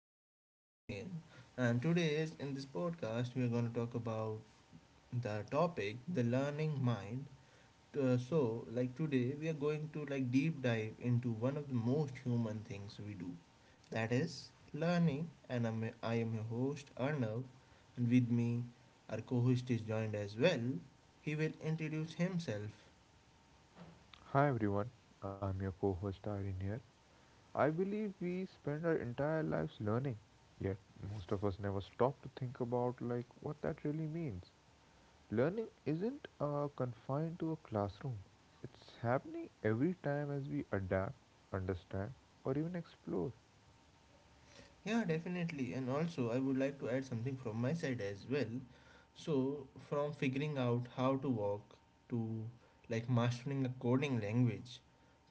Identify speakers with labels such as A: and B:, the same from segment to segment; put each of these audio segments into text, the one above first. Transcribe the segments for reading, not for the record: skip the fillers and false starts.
A: welcome once again. And today is in this podcast we are going to talk about the topic the learning mind. So like today we are going to like deep dive into one of the most human things we do. That is learning and I am your host Arnav and with me our co-host is joined as well. He will introduce himself.
B: Hi everyone, I'm your co host Irene here. I believe we spend our entire lives learning, yet most of us never stop to think about what that really means. Learning isn't confined to a classroom. It's happening every time as we adapt, understand, or even explore.
A: Yeah, definitely. And also, I would like to add something from my side as well. So, from figuring out how to walk to like mastering a coding language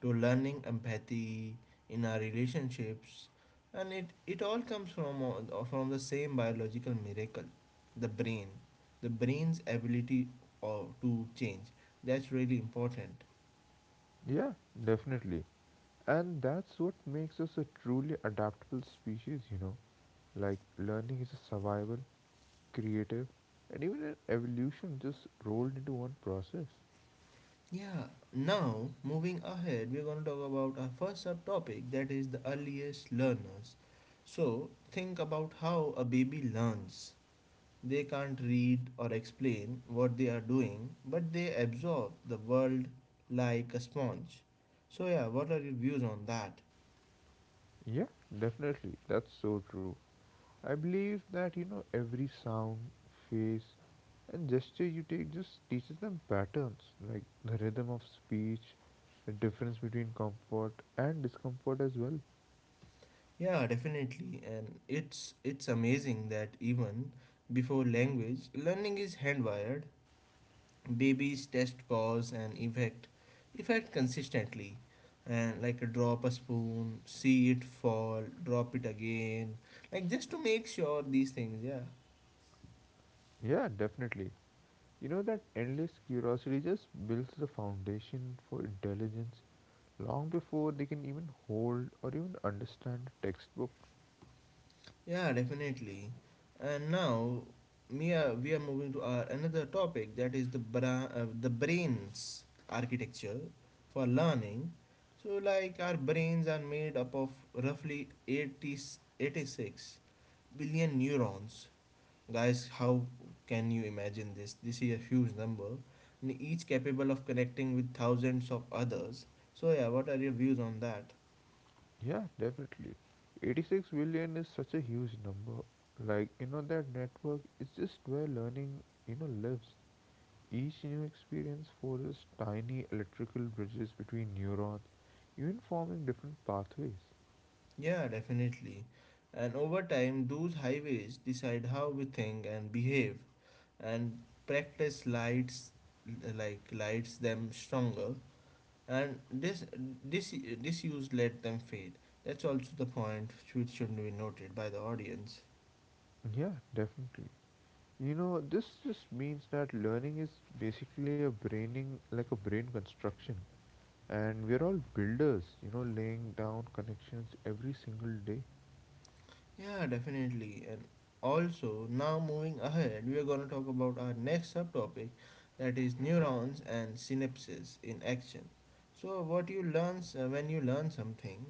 A: to learning empathy in our relationships, and it all comes from the same biological miracle, the brain, the brain's ability or to change. That's really important.
B: Yeah, definitely. And that's what makes us a truly adaptable species, you know. Like learning is a survival, creative, and even an evolution just rolled into one process.
A: Yeah, now moving ahead, we're going to talk about our first subtopic that is the earliest learners. So, think about how a baby learns. They can't read or explain what they are doing, but they absorb the world like a sponge. So, yeah, what are your views on that?
B: Yeah, definitely. That's so true. I believe that, you know, every sound, face, and gesture you take just teaches them patterns, like the rhythm of speech, the difference between comfort and discomfort as well.
A: Yeah, definitely. And it's amazing that even before language, learning is hand wired. Babies test cause and effect effect consistently and like drop a spoon, see it fall, drop it again, like just to make sure these things, yeah.
B: Yeah, definitely. You know, that endless curiosity just builds the foundation for intelligence long before they can even hold or even understand a textbook.
A: Yeah, definitely. And now we are moving to our another topic that is the brain's architecture for learning. So like our brains are made up of roughly eighty-86 billion neurons. Guys, how can you imagine this? This is a huge number, and each capable of connecting with thousands of others. So, yeah, what are your views on that?
B: Yeah, definitely. 86 billion is such a huge number. Like, you know, that network is just where learning, you know, lives. Each new experience forges tiny electrical bridges between neurons, even forming different pathways.
A: Yeah, definitely. And over time, those highways decide how we think and behave, and practice lights like lights them stronger. And this this use let them fade. That's also the point which should be noted by the audience.
B: Yeah, definitely. You know, this just means that learning is basically a braining, like a brain construction. And we're all builders, you know, laying down connections every single day.
A: Yeah, definitely. And also, now moving ahead, we are going to talk about our next subtopic that is neurons and synapses in action. So, what you learn s- when you learn something,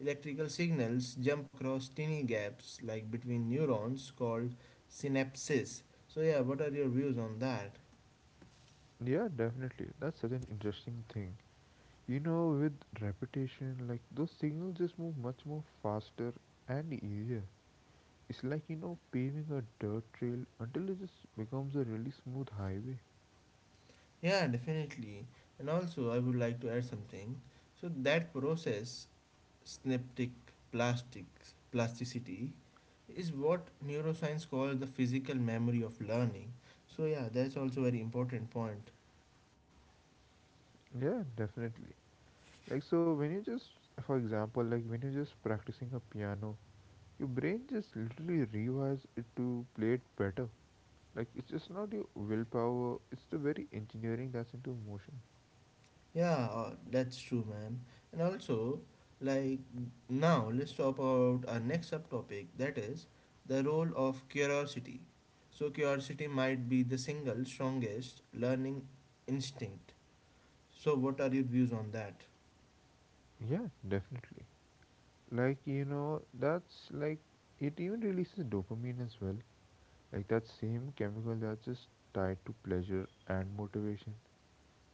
A: electrical signals jump across tiny gaps like between neurons called synapses. So, yeah, what are your views on that?
B: Yeah, definitely. That's such an interesting thing. You know, with repetition, like those signals just move much more faster and easier. It's like, you know, paving a dirt trail until it just becomes a really smooth highway.
A: Yeah, definitely. And also, I would like to add something. So, that process synaptic plasticity is what neuroscience calls the physical memory of learning. So yeah, that's also very important point.
B: Yeah, definitely. Like, so when you just, for example, like when you're just practicing a piano, your brain just literally rewires it to play it better. Like, it's just not your willpower, it's the very engineering that's into motion.
A: Yeah, that's true, man. And also, like now, let's talk about our next subtopic. That is the role of curiosity. So curiosity might be the single strongest learning instinct. So what are your views on that?
B: Yeah, definitely. Like, you know, that's like it even releases dopamine as well, like that same chemical that's just tied to pleasure and motivation.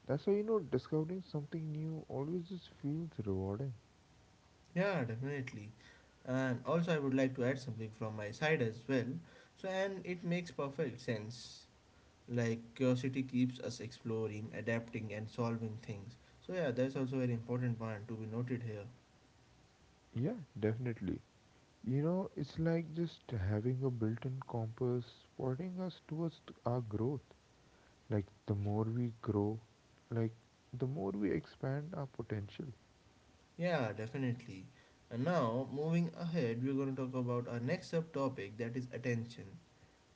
B: That's why, you know, discovering something new always just feels rewarding.
A: Yeah, definitely. And also, I would like to add something from my side as well. So, and it makes perfect sense. Like, curiosity keeps us exploring, adapting, and solving things. So, yeah, that's also a very important point to be noted here.
B: Yeah, definitely. You know, it's like just having a built-in compass pointing us towards our growth. Like, the more we grow, like, the more we expand our potential.
A: Yeah, definitely. And now, moving ahead, we're going to talk about our next subtopic that is attention,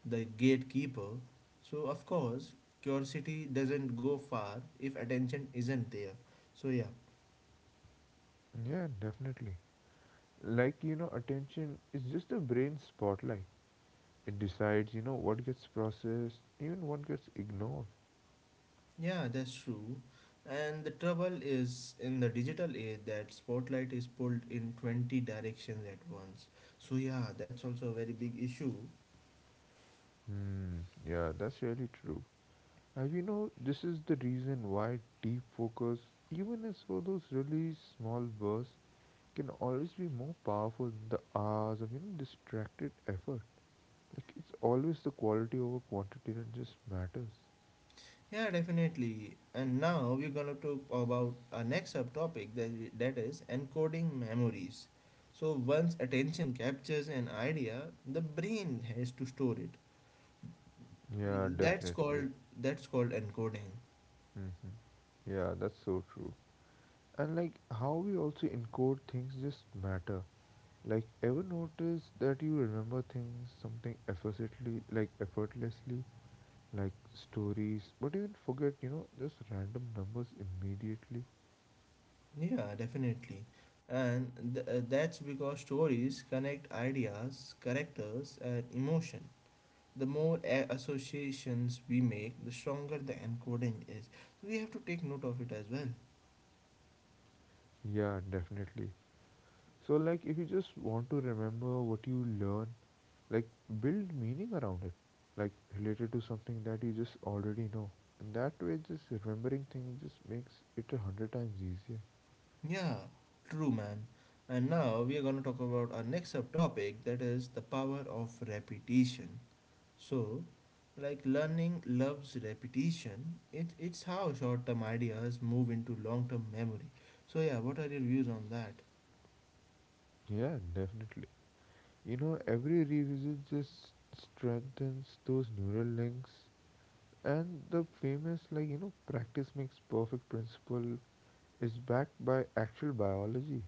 A: the gatekeeper. So, of course, curiosity doesn't go far if attention isn't there. So, yeah.
B: Yeah, definitely. Like, you know, attention is just a brain spotlight. It decides, you know, what gets processed, even what gets ignored.
A: Yeah, that's true. And the trouble is in the digital age that spotlight is pulled in 20 directions at once. So yeah, that's also a very big issue.
B: Hmm, yeah, that's really true. And you know, this is the reason why deep focus, even as for those really small bursts, can always be more powerful than the hours of, you know, distracted effort. Like, it's always the quality over quantity that just matters.
A: Yeah, definitely. And now we're gonna talk about our next subtopic that is encoding memories. So once attention captures an idea, the brain has to store it.
B: Yeah,
A: Mm,
B: definitely.
A: that's called encoding.
B: Hmm. Yeah, that's so true. And like how we also encode things just matter. Like, ever notice that you remember things something effortlessly, like stories, but even forget, you know, just random numbers immediately?
A: Yeah, definitely. And that's because stories connect ideas, characters, and emotion. The more associations we make, the stronger the encoding is. So we have to take note of it as well.
B: Yeah, definitely. So, like, if you just want to remember what you learn, like, build meaning around it, like, related to something that you just already know. And that way, just remembering things just makes it a hundred times easier.
A: Yeah, true, man. And now we are going to talk about our next subtopic that is the power of repetition. So, like learning loves repetition, it's how short term ideas move into long term memory. So, yeah, what are your views on that?
B: Yeah, definitely. You know, every revisit just strengthens those neural links. And the famous, like, you know, practice makes perfect principle is backed by actual biology.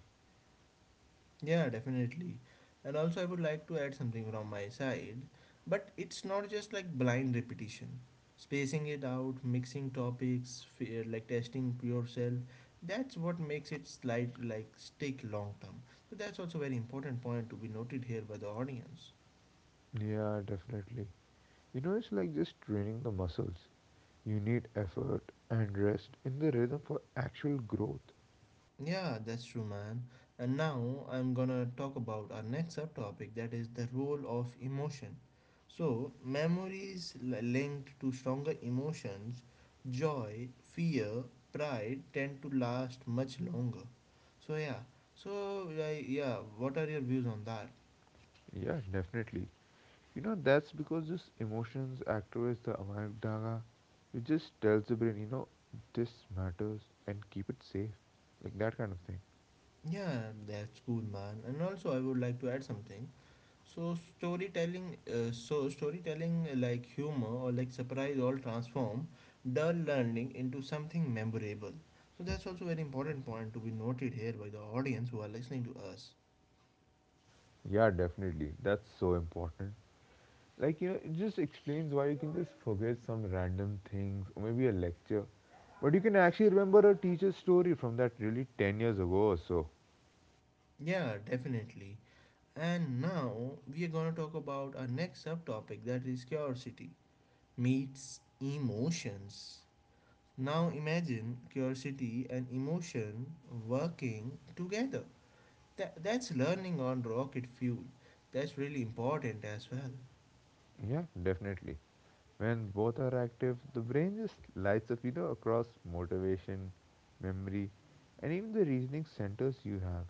A: Yeah, definitely. And also, I would like to add something from my side, but it's not just like blind repetition. Spacing it out, mixing topics, fear, like testing yourself, that's what makes it slight like stick long term. So that's also very important point to be noted here by the audience.
B: Yeah, definitely. You know, it's like just training the muscles. You need effort and rest in the rhythm for actual growth.
A: Yeah, that's true, man. And now I'm gonna talk about our next subtopic that is the role of emotion. So, memories linked to stronger emotions, joy, fear, pride, tend to last much longer. So, yeah, so, like, yeah, what are your views on that?
B: Yeah, definitely. You know, that's because this emotions activates the amygdala, which just tells the brain, you know, this matters and keep it safe. Like that kind of thing.
A: Yeah, that's cool, man. And also, I would like to add something. So storytelling, like humor or like surprise all transform dull learning into something memorable. So that's also very important point to be noted here by the audience who are listening to us.
B: Yeah, definitely. That's so important. Like, you know, it just explains why you can just forget some random things or maybe a lecture. But you can actually remember a teacher's story from that really 10 years ago or so.
A: Yeah, definitely. And now we are gonna talk about our next subtopic that is curiosity meets emotions. Now imagine curiosity and emotion working together. That's learning on rocket fuel. That's really important as well.
B: Yeah, definitely. When both are active, the brain just lights up, you know, across motivation, memory, and even the reasoning centers you have.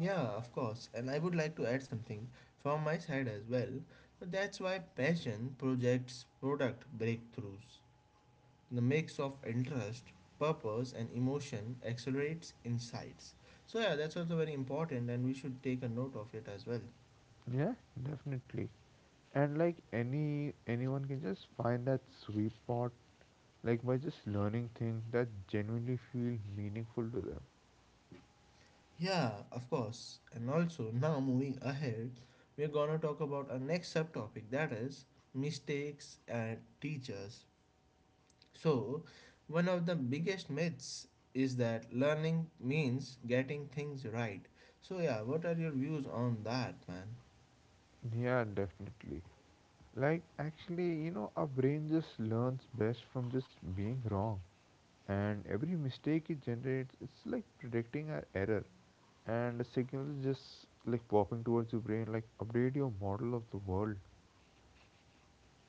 A: Yeah, of course. And I would like to add something from my side as well. But that's why passion projects product breakthroughs. The mix of interest, purpose, and emotion accelerates insights. So, yeah, that's also very important, and we should take a note of it as well.
B: Yeah, definitely. And like anyone can just find that sweet spot like by just learning things that genuinely feel meaningful to them.
A: Yeah, of course. And also, now moving ahead, we're gonna talk about our next subtopic that is mistakes and teachers. So, one of the biggest myths is that learning means getting things right. So, yeah, what are your views on that, man?
B: Yeah, definitely. Like, actually, you know, our brain just learns best from just being wrong. And every mistake it generates, it's like predicting an error. And the signal is just like popping towards your brain, like, update your model of the world.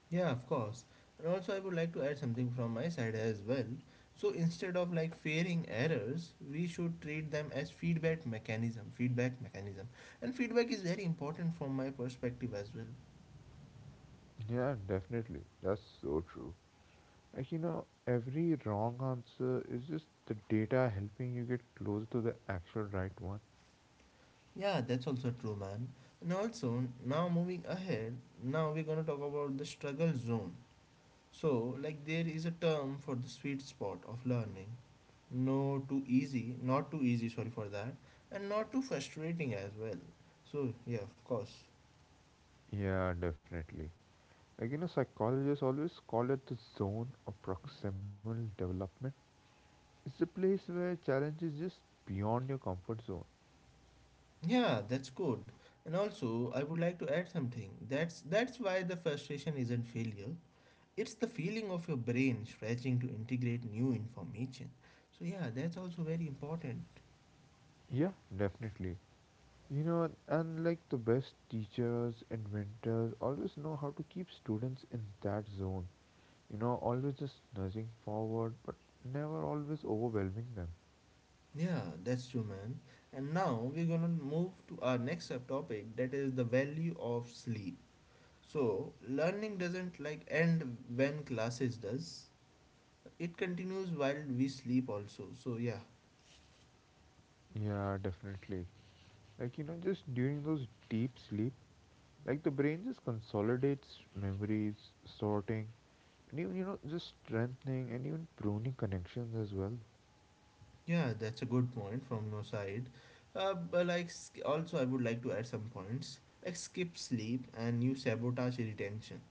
A: Yeah, of course. And also, I would like to add something from my side as well. So, instead of like fearing errors, we should treat them as feedback mechanism. Feedback mechanism. And feedback is very important from my perspective as well.
B: Yeah, definitely. That's so true. Like, you know, every wrong answer is just the data helping you get close to the actual right one.
A: Yeah, that's also true, man. And also, now moving ahead, now we're going to talk about the struggle zone. So, like, there is a term for the sweet spot of learning. Not too easy, sorry for that, and not too frustrating as well. So, yeah, of course.
B: Yeah, definitely. Like, you know, psychologists always call it the zone of proximal development. It's a place where challenge is just beyond your comfort zone.
A: Yeah, that's good. And also, I would like to add something. That's why the frustration isn't failure. It's the feeling of your brain stretching to integrate new information. So yeah, that's also very important.
B: Yeah, definitely. You know, and like the best teachers, inventors always know how to keep students in that zone. You know, always just nudging forward, but never always overwhelming them.
A: Yeah, that's true, man. And now we're gonna move to our next subtopic, that is the value of sleep. So, learning doesn't like end when classes does. It continues while we sleep also. So, yeah.
B: Yeah, definitely. Like, you know, just during those deep sleep, like the brain just consolidates memories, sorting, and even, you know, just strengthening and even pruning connections as well.
A: Yeah, that's a good point from your side. But also I would like to add some points. Like skip sleep and you sabotage retention.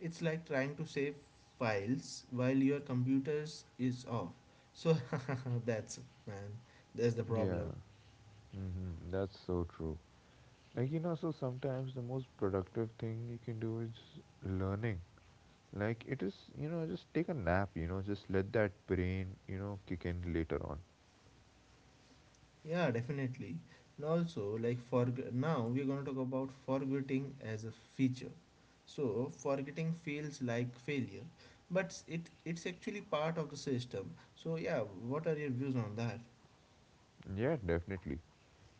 A: It's like trying to save files while your computers is off. So that's man, that's the
B: Yeah,
A: problem.
B: hmm, that's so true. Like, you know, so sometimes the most productive thing you can do is learning. Like, it is, you know, just take a nap, you know, just let that brain, you know, kick in later on.
A: Yeah, definitely. And also, like for now, we're going to talk about forgetting as a feature. So, forgetting feels like failure, but it's actually part of the system. So, yeah, what are your views on that?
B: Yeah, definitely.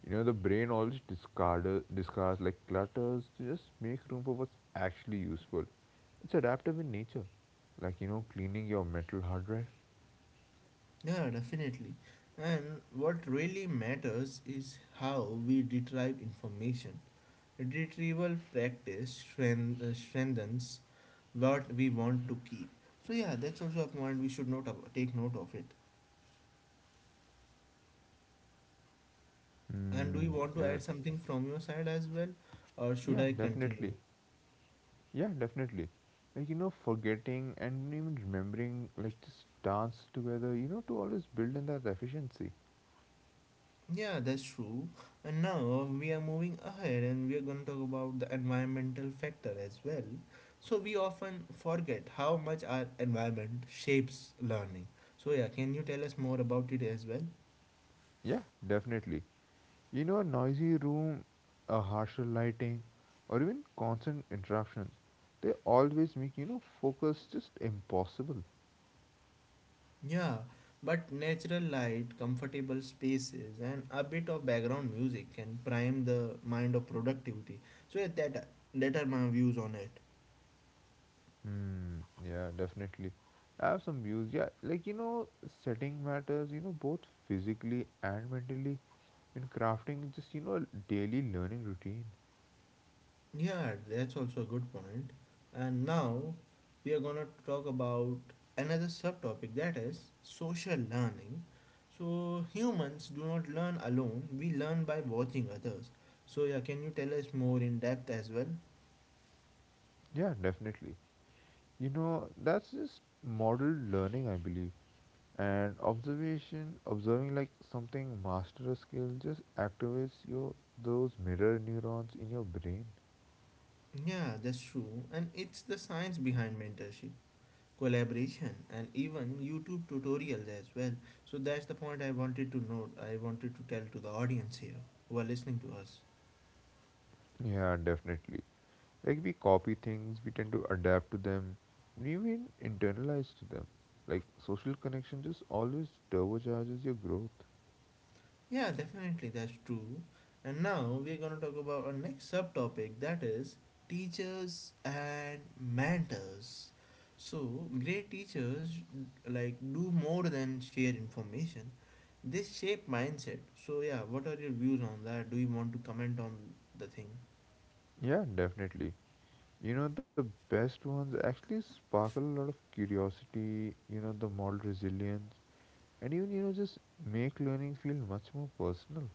B: You know, the brain always discards like clutters to just make room for what's actually useful. It's adaptive in nature. Like, you know, cleaning your mental hard drive.
A: Yeah, definitely. And what really matters is how we retrieve information. Retrieval practice strengthens what we want to keep. So yeah, that's also a point we should take note of it. And do you
B: Mm,
A: want to
B: yeah.
A: add something from your side as well, or should
B: Yeah,
A: I
B: definitely.
A: continue?
B: Yeah, definitely. Like, you know, forgetting and even remembering, like, just dance together, you know, to always build in that efficiency.
A: Yeah, that's true. And now we are moving ahead and we are going to talk about the environmental factor as well. So, we often forget how much our environment shapes learning. So, yeah, can you tell us more about it as well?
B: Yeah, definitely. You know, a noisy room, a harsher lighting, or even constant interruptions, they always make, you know, focus just impossible.
A: Yeah, but natural light, comfortable spaces, and a bit of background music can prime the mind of productivity. So, yeah, that are my views on it.
B: Hmm. Yeah, definitely. I have some views. Yeah, like you know, setting matters. You know, both physically and mentally, in crafting just you know daily learning routine.
A: Yeah, that's also a good point. And now we are gonna talk about another subtopic that is social learning. So humans do not learn alone, we learn by watching others. So yeah, can you tell us more in depth as well?
B: Yeah, definitely. You know, that's just modeled learning, I believe. And observation, observing like something master a skill, just activates your those mirror neurons in your brain.
A: Yeah, that's true. And it's the science behind mentorship, collaboration, and even YouTube tutorials as well. So that's the point I wanted to tell to the audience here who are listening to us.
B: Yeah, definitely. Like we copy things, we tend to adapt to them, and even internalize to them. Like social connection just always turbocharges your growth.
A: Yeah, definitely, that's true. And now we're going to talk about our next subtopic that is teachers and mentors. So, great teachers like do more than share information, they shape mindset. So, yeah, what are your views on that? Do you want to comment on the thing?
B: Yeah, definitely. You know, the best ones actually sparkle a lot of curiosity, you know, the moral resilience, and even, you know, just make learning feel much more personal.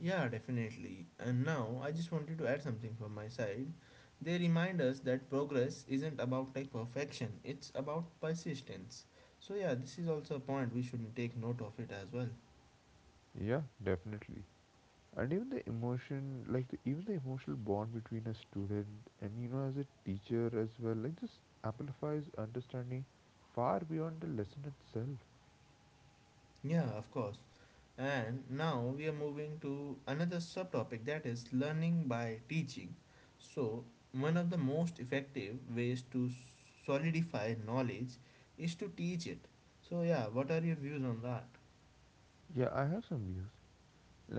A: Yeah, definitely. And now I just wanted to add something from my side. They remind us that progress isn't about like perfection, it's about persistence. So yeah, this is also a point we shouldn't take note of it as well.
B: Yeah, definitely. And even the emotion like even the emotional bond between a student and you know as a teacher as well, like this amplifies understanding far beyond the lesson itself.
A: Yeah, of course. And now we are moving to another subtopic that is learning by teaching. So, one of the most effective ways to solidify knowledge is to teach it. So yeah, what are your views on that?
B: Yeah, I have some views.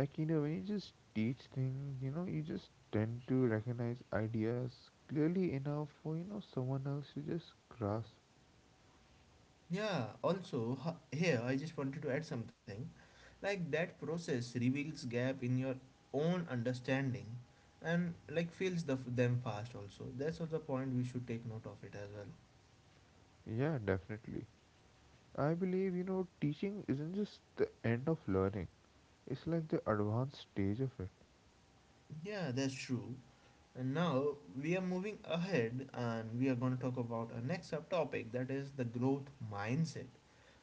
B: Like, you know, when you just teach things, you know, you just tend to recognize ideas clearly enough for, you know, someone else to just grasp.
A: Yeah, also here I just wanted to add something. Like that process reveals gap in your own understanding and like fills them fast also. That's also the point we should take note of it as well.
B: Yeah, definitely. I believe, you know, teaching isn't just the end of learning, it's like the advanced stage of it.
A: Yeah, that's true. And now we are moving ahead and we are going to talk about our next subtopic that is the growth mindset.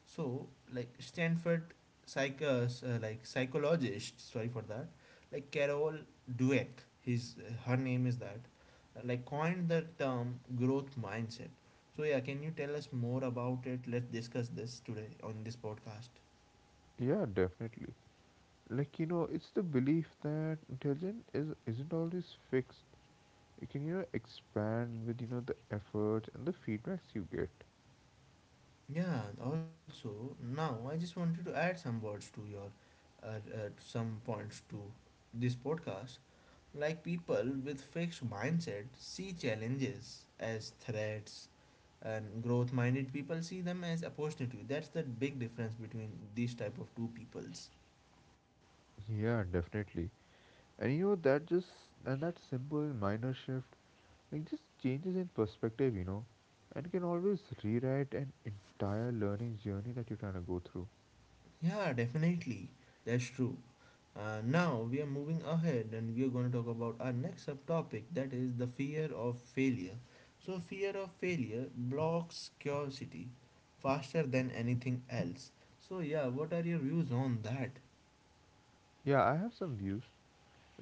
A: So, like Stanford psych like psychologist, sorry for that, like Carol Dweck, his her name is that, like coined the term growth mindset. So yeah, can you tell us more about it? Let's discuss this today on this podcast.
B: Yeah, definitely. Like, you know, it's the belief that intelligence is isn't always fixed. It can, you know, expand with, you know, the efforts and the feedbacks you get.
A: Yeah, and also now I just wanted to add some words to your uh, some points to this podcast. Like people with fixed mindset see challenges as threats, and growth minded people see them as opportunity. That's the big difference between these type of two peoples.
B: Yeah, definitely. And you know that just, and that simple minor shift, like just changes in perspective, you know, and can always rewrite an entire learning journey that you're trying to go through.
A: Yeah, definitely. That's true. Now we are moving ahead and we are going to talk about our next subtopic that is the fear of failure. So, fear of failure blocks curiosity faster than anything else. So, yeah, what are your views on that?
B: Yeah, I have some views.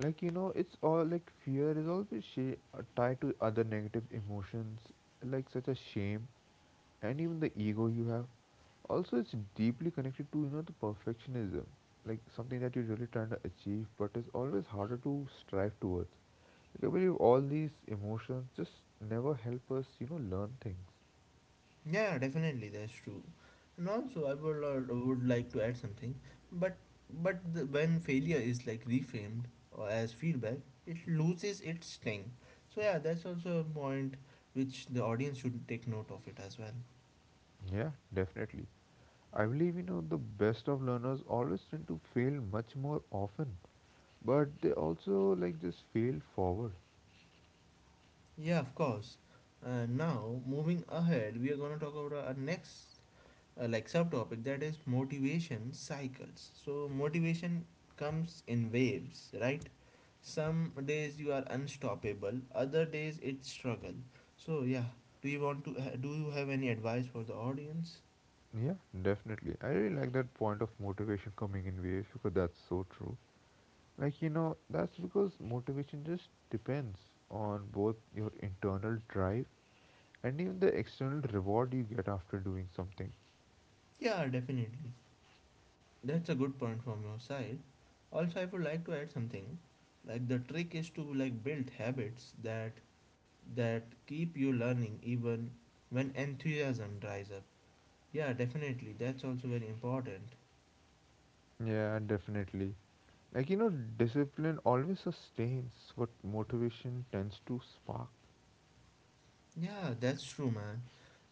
B: Like, you know, it's all like fear is always tied to other negative emotions, like such as shame and even the ego you have. Also, it's deeply connected to, you know, the perfectionism, like something that you're really trying to achieve but is always harder to strive towards. Like, I believe all these emotions just never help us, you know, learn things.
A: Yeah, definitely, that's true. And also, I would like to add something, but but when failure is like reframed or as feedback, it loses its sting. So yeah, that's also a point which the audience should take note of it as well.
B: Yeah, definitely. I believe, you know, the best of learners always tend to fail much more often, but they also, like, just fail forward.
A: Yeah, of course. Now moving ahead, we are gonna talk about our next like subtopic that is motivation cycles so motivation comes in waves, right? Some days you are unstoppable, other days it's struggle. So yeah, do you want to do you have any advice for the audience?
B: Yeah, definitely. I really like that point of motivation coming in waves because that's so true. Like, you know, that's because motivation just depends on both your internal drive and even the external reward you get after doing something.
A: Yeah, definitely. That's a good point from your side. Also, I would like to add something. Like the trick is to like build habits that keep you learning even when enthusiasm dries up. Yeah, definitely. That's also very important.
B: Yeah, definitely. Like, you know, discipline always sustains what motivation tends to spark.
A: Yeah, that's true, man.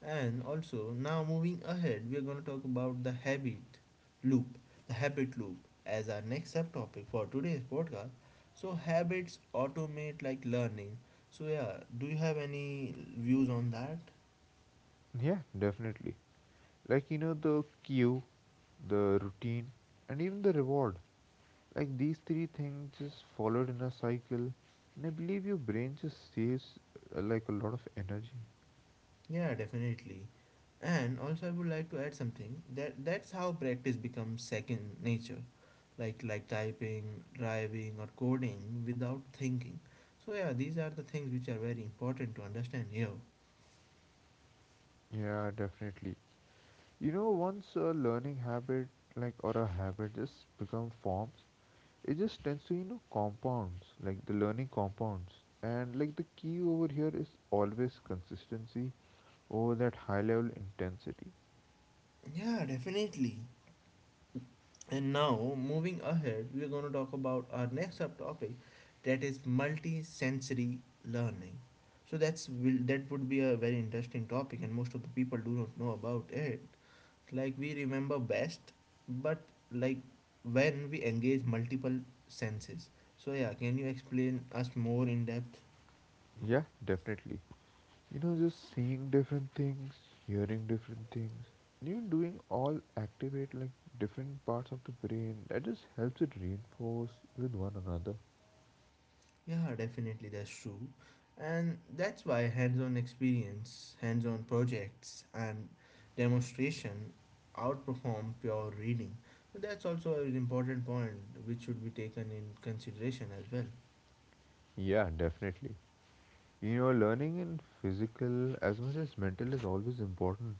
A: And also, now moving ahead, we're going to talk about loop, the habit loop as our next subtopic for today's podcast. So, habits automate like learning. So, yeah, do you have any views on that?
B: Yeah, definitely. Like, you know, the cue, the routine, and even the reward. Like, these three things just followed in a cycle. And I believe your brain just saves, like, a lot of energy.
A: Yeah, definitely. And also I would like to add something that's how practice becomes second nature. Like typing, driving or coding without thinking. So yeah, these are the things which are very important to understand here.
B: Yeah, definitely. You know, once a learning habit, like or a habit, just become forms, it just tends to you know compounds, like the learning compounds. And like the key over here is always consistency over that high level intensity.
A: Yeah, definitely. And now moving ahead, we're going to talk about our next subtopic that is multi-sensory learning. So that would be a very interesting topic and most of the people do not know about it. Like we remember best, but like when we engage multiple senses. So yeah, can you explain us more in depth?
B: Yeah, definitely. You know, just seeing different things, hearing different things, and even doing all activate like different parts of the brain. That just helps it reinforce with one another.
A: Yeah, definitely, that's true. And that's why hands-on experience, hands-on projects and demonstration outperform pure reading. So that's also an important point which should be taken in consideration as well.
B: Yeah, definitely. You know, learning in physical as much as mental is always important.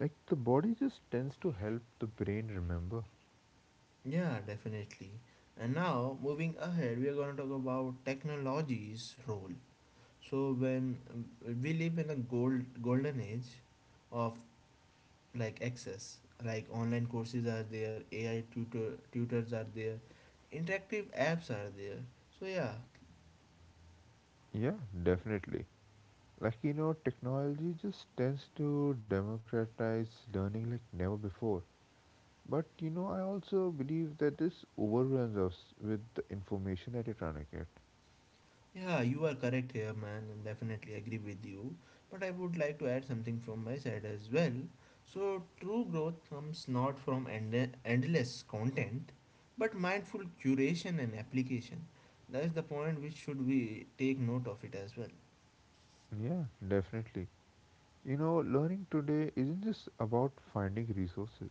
B: Like, the body just tends to help the brain remember.
A: Yeah, definitely. And now moving ahead, we are going to talk about technology's role. So when we live in a golden age of like access, like online courses are there, AI tutors are there, interactive apps are there. So yeah.
B: Yeah, definitely. Like, you know, technology just tends to democratize learning like never before. But, you know, I also believe that this overwhelms us with the information at a tourniquet.
A: Yeah, you are correct here, man, and definitely agree with you. But I would like to add something from my side as well. So true growth comes not from endless content, but mindful curation and application. That's the point which should we take note of it as well.
B: Yeah, definitely. You know, learning today isn't just about finding resources.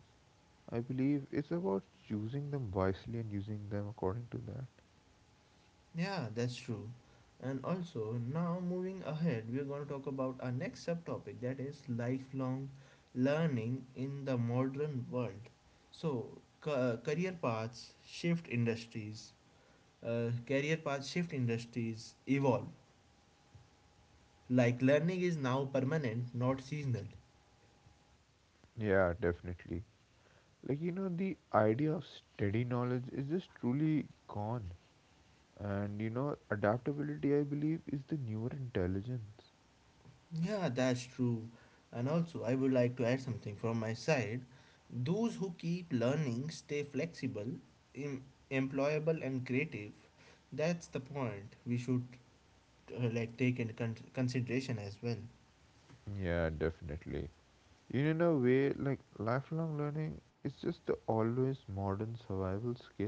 B: I believe it's about choosing them wisely and using them according to that.
A: Yeah, that's true. And also, now moving ahead, we're going to talk about our next subtopic that is lifelong learning in the modern world. So, career paths shift industries evolve. Like, learning is now permanent, not seasonal.
B: Yeah, definitely. Like, you know, the idea of steady knowledge is just truly gone. And, you know, adaptability, I believe, is the newer intelligence.
A: Yeah, that's true. And also, I would like to add something from my side. Those who keep learning stay flexible, em- employable, and creative. That's the point we should like take into consideration as well.
B: Yeah, definitely. You know, in a way, like, lifelong learning is just the always modern survival skill.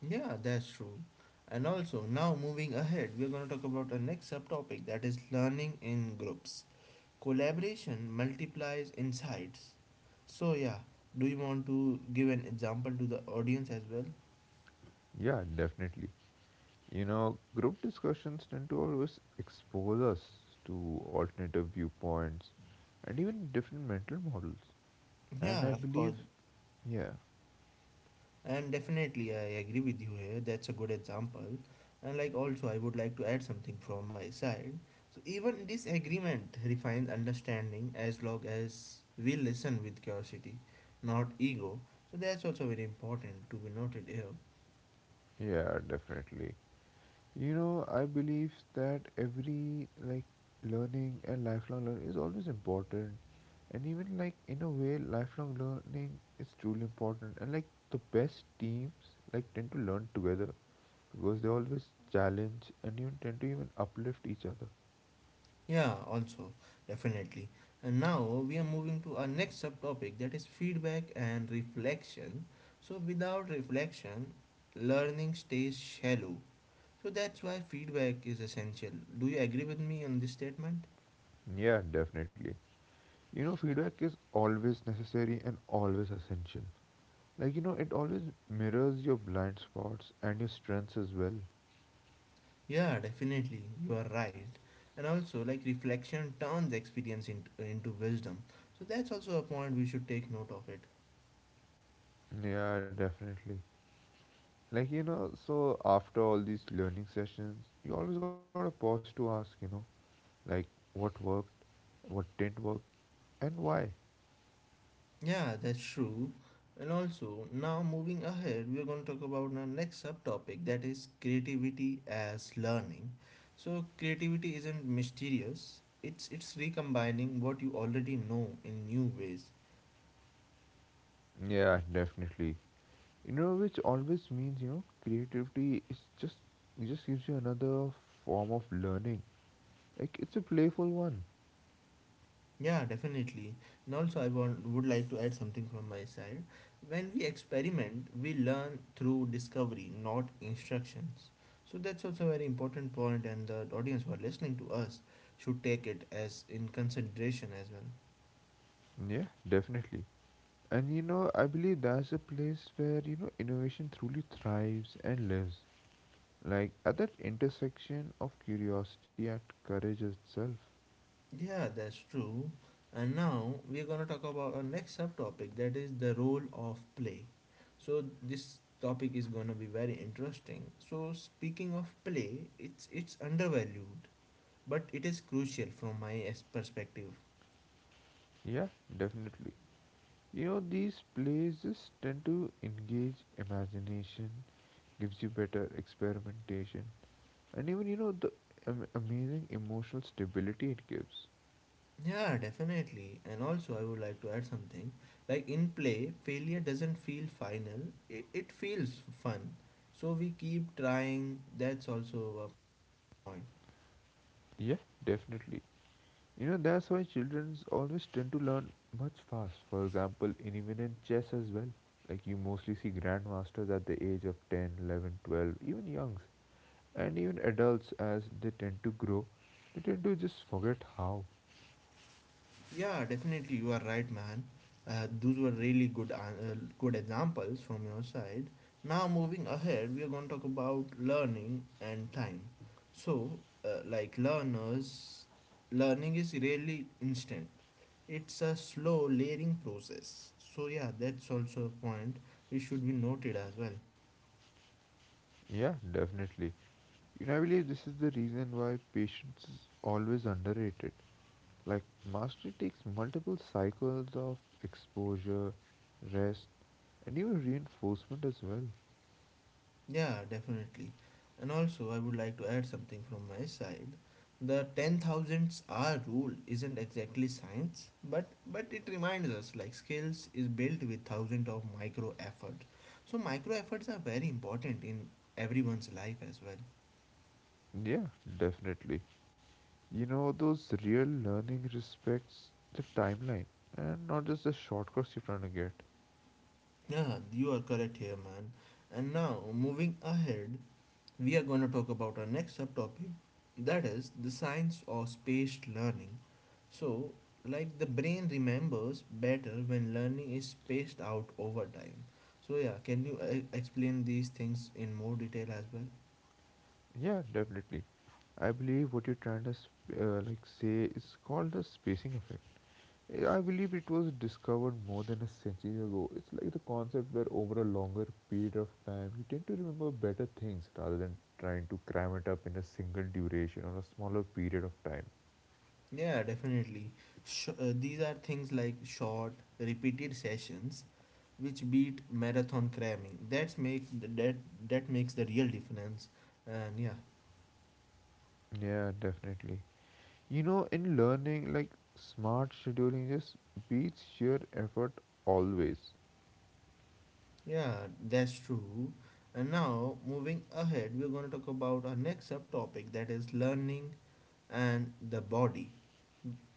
A: Yeah, that's true. And also, now moving ahead, we're going to talk about our next subtopic that is learning in groups. Collaboration multiplies insights. So, yeah, do you want to give an example to the audience as well?
B: Yeah, definitely. You know, group discussions tend to always expose us to alternative viewpoints and even different mental models. And I
A: Yeah, of course.
B: believe, yeah,
A: And definitely, I agree with you here. That's a good example. And like, also, I would like to add something from my side. So, even this agreement refines understanding as long as we listen with curiosity, not ego. So, that's also very important to be noted here.
B: yeah, definitely. You know, I believe that every like learning and lifelong learning is always important. And even like in a way, lifelong learning is truly important. And like the best teams like tend to learn together because they always challenge and even tend to even uplift each other.
A: Yeah, also, definitely. And now we are moving to our next subtopic that is feedback and reflection. So, without reflection, learning stays shallow. So that's why feedback is essential. Do you agree with me on this statement?
B: Yeah, definitely. You know, feedback is always necessary and always essential. Like, you know, it always mirrors your blind spots and your strengths as well.
A: Yeah, definitely. You are right. And also, like reflection turns experience into wisdom. So that's also a point we should take note of it.
B: Yeah, definitely. Like, you know, so after all these learning sessions, you always gotta pause to ask, you know, like what worked, what didn't work, and why.
A: Yeah, that's true. And also, now moving ahead, we're going to talk about our next subtopic that is creativity as learning. So creativity isn't mysterious. It's recombining what you already know in new ways.
B: Yeah, definitely. You know, which always means, you know, creativity is just it just gives you another form of learning. Like it's a playful one.
A: Yeah, definitely. And also, I would like to add something from my side. When we experiment, we learn through discovery, not instructions. So that's also a very important point, and the audience who are listening to us should take it as in consideration as well.
B: Yeah, definitely. And you know, I believe that's a place where, you know, innovation truly thrives and lives. Like at that intersection of curiosity and courage itself.
A: Yeah, that's true. And now we're gonna talk about our next subtopic, that is the role of play. So this topic is gonna be very interesting. So speaking of play, it's undervalued but it is crucial from my perspective.
B: Yeah, definitely. You know, these plays just tend to engage imagination, gives you better experimentation, and even, you know, the amazing emotional stability it gives.
A: Yeah, definitely. And also I would like to add something. Like in play failure doesn't feel final, it feels fun, so we keep trying. That's also a point.
B: Yeah, definitely. You know, that's why children always tend to learn much fast. For example, in even in chess as well. Like, you mostly see grandmasters at the age of 10, 11, 12, even youngs. And even adults, as they tend to grow, they tend to just forget how.
A: Yeah, definitely, you are right, man. Uh, those were really good good examples from your side. Now moving ahead, we are going to talk about learning and time. So like learners learning is really instant. It's a slow layering process. So yeah, that's also a point which should be noted as well.
B: Yeah, definitely. You know, I believe this is the reason why patience is always underrated. Like, mastery takes multiple cycles of exposure, rest, and even reinforcement as well.
A: Yeah, definitely. And also I would like to add something from my side. The 10,000 hour rule isn't exactly science, but it reminds us like skills is built with thousands of micro efforts. So micro efforts are very important in everyone's life as well.
B: Yeah, definitely. You know, those real learning respects the timeline and not just the shortcuts you're trying to get.
A: Yeah, you are correct here, man. And now moving ahead, we are going to talk about our next subtopic that is the science of spaced learning. So like the brain remembers better when learning is spaced out over time. So yeah, can you explain these things in more detail as well?
B: Yeah, definitely. I believe what you're trying to like say is called the spacing effect. I believe it was discovered more than a century ago. It's like the concept where over a longer period of time you tend to remember better things rather than trying to cram it up in a single duration or a smaller period of time.
A: Yeah, definitely. These are things like short repeated sessions which beat marathon cramming. That's make that that makes the real difference. And yeah.
B: Yeah, definitely. You know, in learning, like smart scheduling just beats sheer effort always.
A: Yeah, that's true. And now, moving ahead, we're going to talk about our next subtopic that is learning and the body.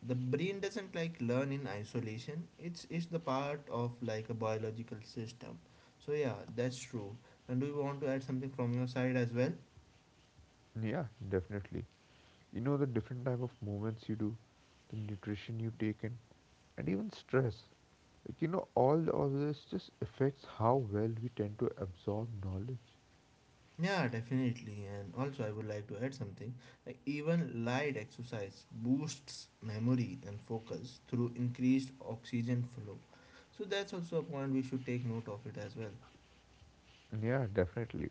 A: The brain doesn't like learn in isolation. It's the part of like a biological system. So yeah, that's true. And do you want to add something from your side as well?
B: Yeah, definitely. You know the different type of movements you do, the nutrition you take in, and even stress. Like, you know, all of this just affects how well we tend to absorb knowledge.
A: Yeah, definitely. And also, I would like to add something. Like even light exercise boosts memory and focus through increased oxygen flow. So that's also a point we should take note of it as well.
B: Yeah, definitely.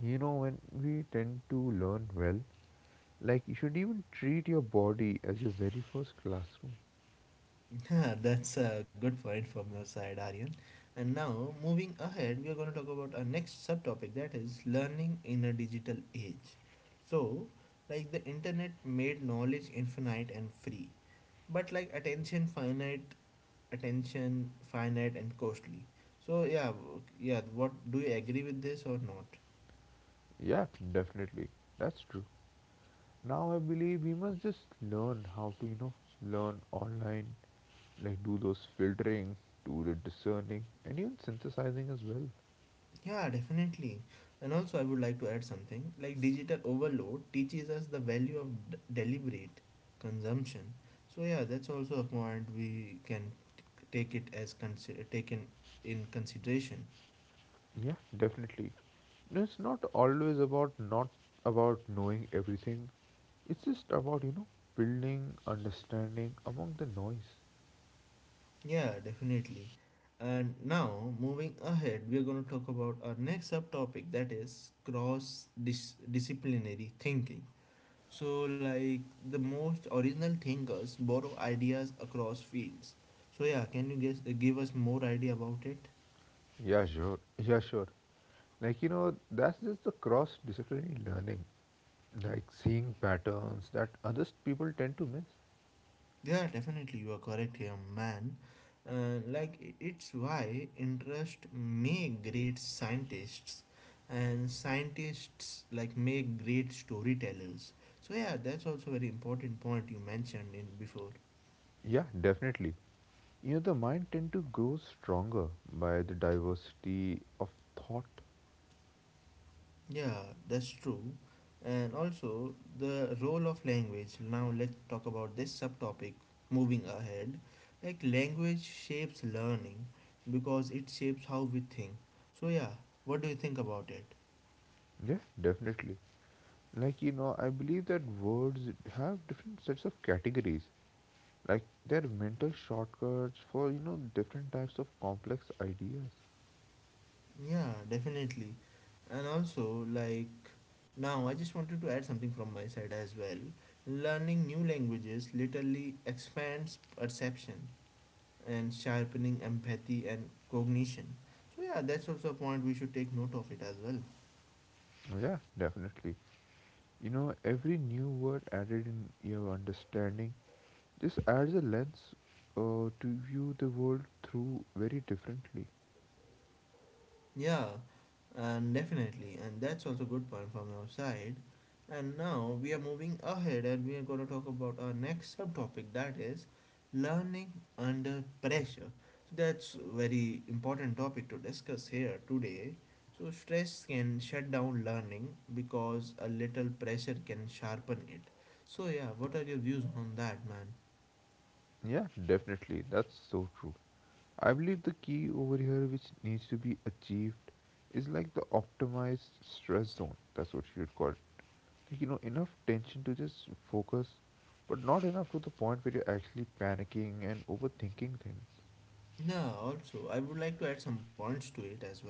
B: You know, when we tend to learn well, like you should even treat your body as your very first classroom.
A: Yeah, that's a good point from your side, Aryan. And now, moving ahead, we are going to talk about our next subtopic that is learning in a digital age. So, like the internet made knowledge infinite and free, but like attention finite and costly. So yeah, yeah, what, do you agree with this or not?
B: Yeah, definitely. That's true. Now I believe we must just learn how to, you know, learn online, like do those filtering, do the discerning, and even synthesizing as well.
A: Yeah, definitely. And also I would like to add something. Like digital overload teaches us the value of deliberate consumption. So yeah, that's also a point we can take it as consider taken in consideration.
B: Yeah, definitely. No, it's not always about not about knowing everything. It's just about, you know, building understanding among the noise.
A: Yeah, definitely. And now moving ahead, we are going to talk about our next subtopic that is cross disciplinary thinking. So, like the most original thinkers borrow ideas across fields. So, yeah, can you give us more idea about it?
B: Yeah, sure. Yeah, sure. Like, you know, that's just the cross disciplinary learning, like seeing patterns that other people tend to miss.
A: Yeah, definitely, you are correct here, man. Like it's why interest make great scientists, and scientists like make great storytellers. So yeah, that's also very important point you mentioned in before.
B: Yeah, definitely. You know, the mind tend to grow stronger by the diversity of thought.
A: Yeah, that's true. And also the role of language. Now let's talk about this subtopic moving ahead. Like language shapes learning because it shapes how we think. So yeah, what do you think about it?
B: Yeah, definitely. Like, you know, I believe that words have different sets of categories. Like, they're mental shortcuts for, you know, different types of complex ideas.
A: Yeah, definitely. And also like now I just wanted to add something from my side as well. Learning new languages literally expands perception, and sharpening empathy and cognition. So yeah, that's also a point we should take note of it as well.
B: Yeah, definitely. You know, every new word added in your understanding just adds a lens to view the world through very differently.
A: Yeah, and definitely, and that's also good point from our side. And now we are moving ahead, and we are going to talk about our next subtopic, that is learning under pressure. So that's very important topic to discuss here today. So stress can shut down learning because a little pressure can sharpen it. So yeah, what are your views on that, man?
B: Yeah, definitely. That's so true. I believe the key over here, which needs to be achieved, is like the optimized stress zone. That's what you would call it. Like, you know, enough tension to just focus, but not enough to the point where you're actually panicking and overthinking things.
A: No, also, I would like to add some points to it as well.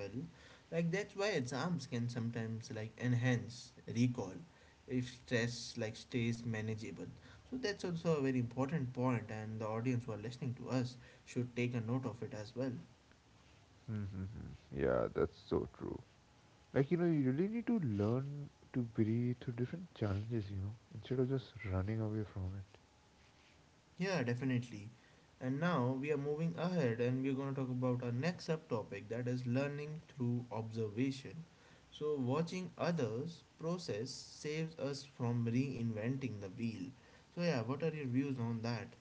A: Like, that's why exams can sometimes like enhance recall if stress like stays manageable. So that's also a very important point, and the audience who are listening to us should take a note of it as well.
B: Mm-hmm. Yeah, that's so true. Like, you know, you really need to learn to breathe through different challenges, you know, instead of just running away from it.
A: Yeah, definitely. And now we are moving ahead and we're going to talk about our next subtopic, that is learning through observation. So, watching others process saves us from reinventing the wheel. So, yeah, what are your views on that?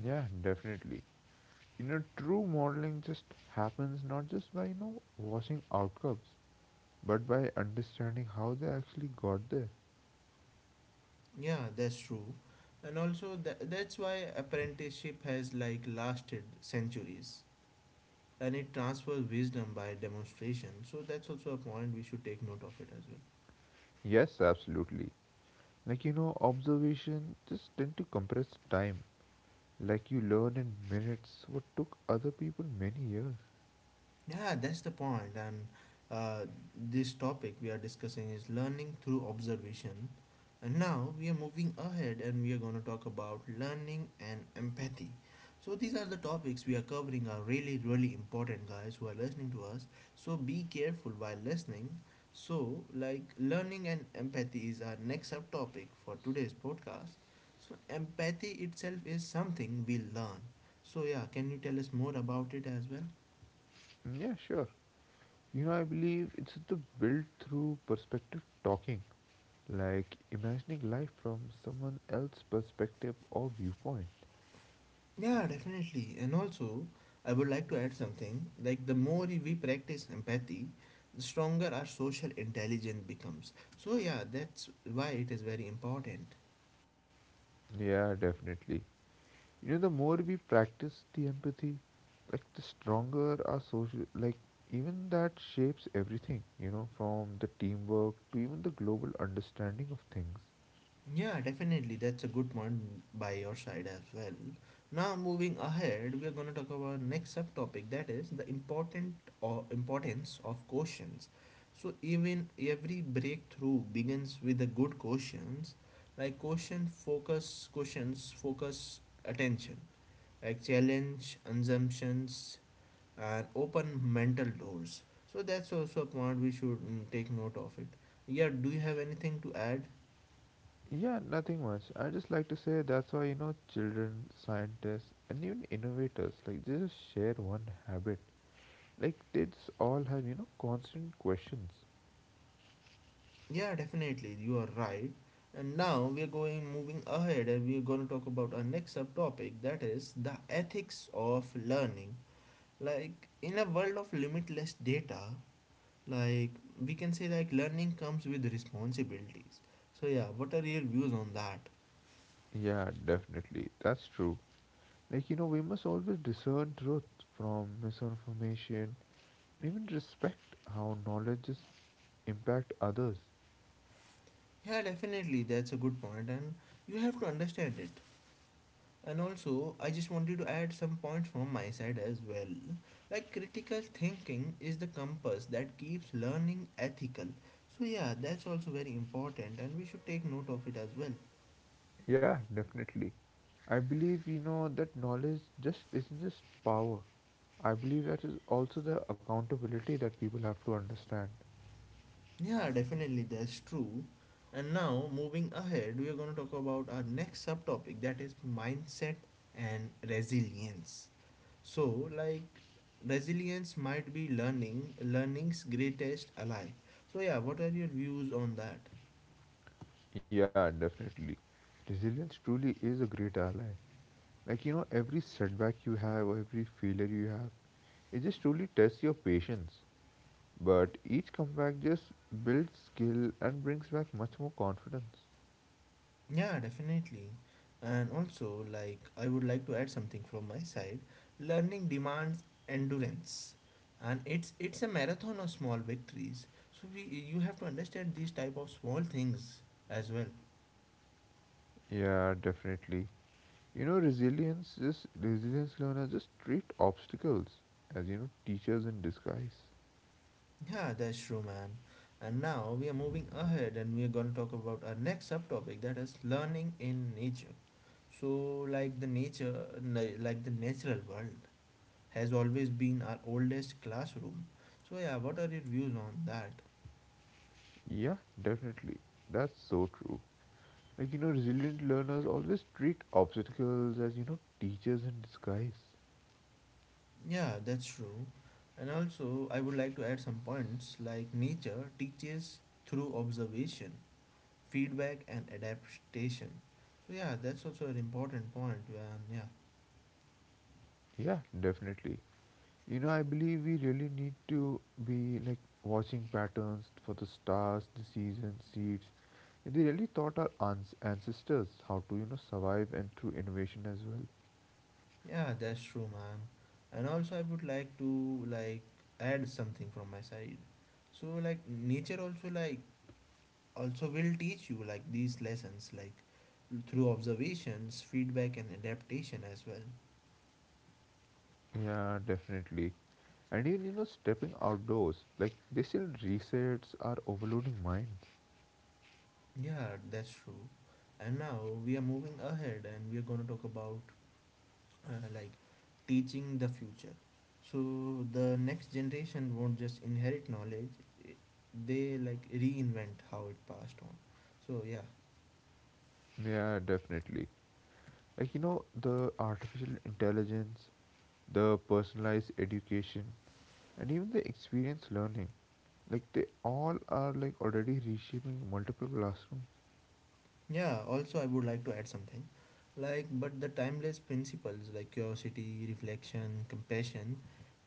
B: Yeah, definitely. You know, true modeling just happens not just by, you know, watching outcomes, but by understanding how they actually got there.
A: Yeah, that's true. And also, that's why apprenticeship has like lasted centuries and it transfers wisdom by demonstration. So, that's also a point we should take note of it as well.
B: Yes, absolutely. Like, you know, observation just tend to compress time. Like, you learn in minutes what took other people many years.
A: Yeah, that's the point. And uh, this topic we are discussing is learning through observation. And now we are moving ahead and we are going to talk about learning and empathy. So these are the topics we are covering are really really important guys who are listening to us. So be careful while listening. So like learning and empathy is our next subtopic for today's podcast. So empathy itself is something we learn. So yeah, can you tell us more about it as well?
B: Yeah, sure. You know, I believe it's the built through perspective talking, like imagining life from someone else's perspective or viewpoint.
A: Yeah, definitely. And also, I would like to add something like the more we practice empathy, the stronger our social intelligence becomes. So, yeah, that's why it is very important.
B: Yeah, definitely. You know, the more we practice the empathy, like the stronger our social, like even that shapes everything, you know, from the teamwork to even the global understanding of things.
A: Yeah, definitely. That's a good point by your side as well. Now, moving ahead, we are going to talk about next subtopic, that is the important or importance of questions. So, even every breakthrough begins with a good questions, like questions focus attention, like challenge assumptions and open mental doors. So that's also a point we should take note of it. Yeah, do you have anything to add?
B: Yeah, nothing much. I just like to say that's why, you know, children, scientists, and even innovators, like they just share one habit. Like they just all have, you know, constant questions.
A: Yeah, definitely, you are right. And now we are going moving ahead and we are going to talk about our next subtopic, that is the ethics of learning. Like in a world of limitless data, like we can say like learning comes with responsibilities. So yeah, what are your views on that?
B: Yeah, definitely. That's true. Like, you know, we must always discern truth from misinformation, even respect how knowledges impact others.
A: Yeah, definitely, that's a good point and you have to understand it. And also, I just wanted to add some points from my side as well. Like, critical thinking is the compass that keeps learning ethical. So, yeah, that's also very important, and we should take note of it as well.
B: Yeah, definitely. I believe, you know, that knowledge just isn't just power. I believe that is also the accountability that people have to understand.
A: Yeah, definitely, that's true. And now, moving ahead, we are going to talk about our next subtopic, that is mindset and resilience. So, like, resilience might be learning's greatest ally. So, yeah, what are your views on that?
B: Yeah, definitely. Resilience truly is a great ally. Like, you know, every setback you have or every failure you have, it just truly tests your patience. But each comeback just builds skill and brings back much more confidence.
A: Yeah, definitely. And also, like, I would like to add something from my side. Learning demands endurance, and it's a marathon of small victories. So we you have to understand these type of small things as well.
B: Yeah, definitely. You know, resilience learners just treat obstacles as you know teachers in disguise.
A: Yeah, that's true, man. And now we are moving ahead, and we are gonna talk about our next subtopic, that is learning in nature. So, like the like the natural world, has always been our oldest classroom. So yeah, what are your views on that?
B: Yeah, definitely. That's so true. Like you know, resilient learners always treat obstacles as you know teachers in disguise.
A: Yeah, that's true. And also, I would like to add some points like nature teaches through observation, feedback, and adaptation. So, yeah, that's also an important point, man. Yeah,
B: Yeah, definitely. You know, I believe we really need to be like watching patterns for the stars, the seasons, seeds. They really taught our ancestors how to, you know, survive and through innovation as well.
A: yeah, that's true, man. And also, I would like to add something from my side. So, like, nature also like also will teach you like these lessons like through observations, feedback, and adaptation as well.
B: Yeah, definitely. And even, you know, stepping outdoors, like they still resets our overloading mind.
A: Yeah, that's true. And now we are moving ahead and we are going to talk about like teaching the future. So the next generation won't just inherit knowledge, i- they like reinvent how it passed on. So yeah.
B: Yeah, definitely. Like, you know, the artificial intelligence, the personalized education, and even the experience learning. Like they all are like already reshaping multiple classrooms.
A: Yeah, also I would like to add something. Like but the timeless principles like curiosity, reflection, compassion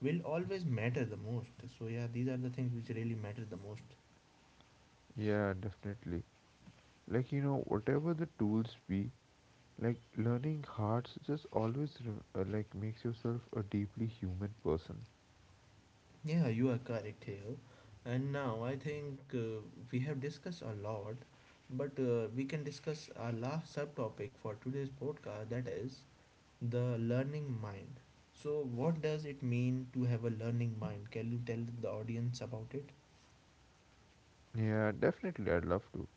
A: will always matter the most. So yeah, these are the things which really matter the most.
B: Yeah, definitely. Like you know, whatever the tools be, like learning hearts just always like makes yourself a deeply human person.
A: Yeah, you are correct here. And now I think we have discussed a lot, but we can discuss our last subtopic for today's podcast, that is the learning mind. So, what does it mean to have a learning mind? Can you tell the audience about it?
B: Yeah, definitely. I'd love to.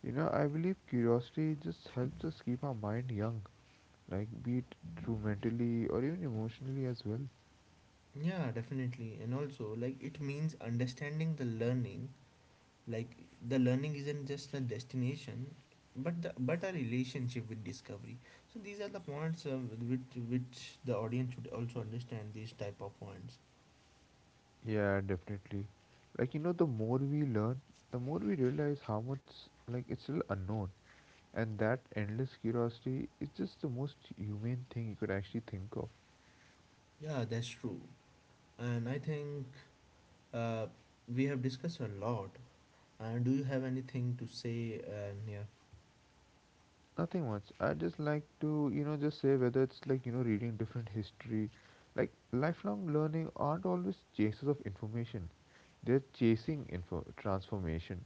B: You know, I believe curiosity just helps us keep our mind young, like be it through mentally or even emotionally as well.
A: Yeah, definitely. And also, like, it means understanding like the learning isn't just a destination but a relationship with discovery, so these are the points, which the audience should also understand, these type of points.
B: Yeah, definitely. Like you know, the more we learn, the more we realize how much like it's still unknown. And that endless curiosity is just the most humane thing you could actually think of.
A: Yeah, that's true. And I think, uh, we have discussed a lot, and do you have anything to say? Yeah,
B: Nothing much. I just like to, you know, just say whether it's like, you know, reading different history. Like, lifelong learning aren't always chases of information, they're chasing transformation.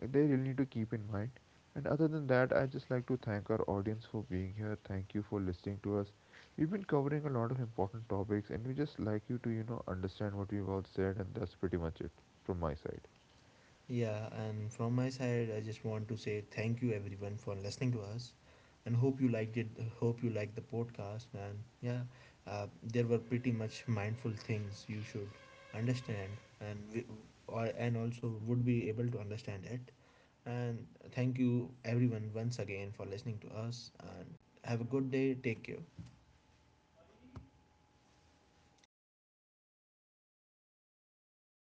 B: Like, they really need to keep in mind. And other than that, I just like to thank our audience for being here. Thank you for listening to us. We've been covering a lot of important topics, and we just like you to, you know, understand what we've all said, and that's pretty much it from my side.
A: yeah, and from my side, I just want to say thank you everyone for listening to us, and hope you liked it. Hope you liked the podcast, and yeah, there were pretty much mindful things you should understand, and we, or and also would be able to understand it. And thank you everyone once again for listening to us, and have a good day. Take care. अरे मैं एक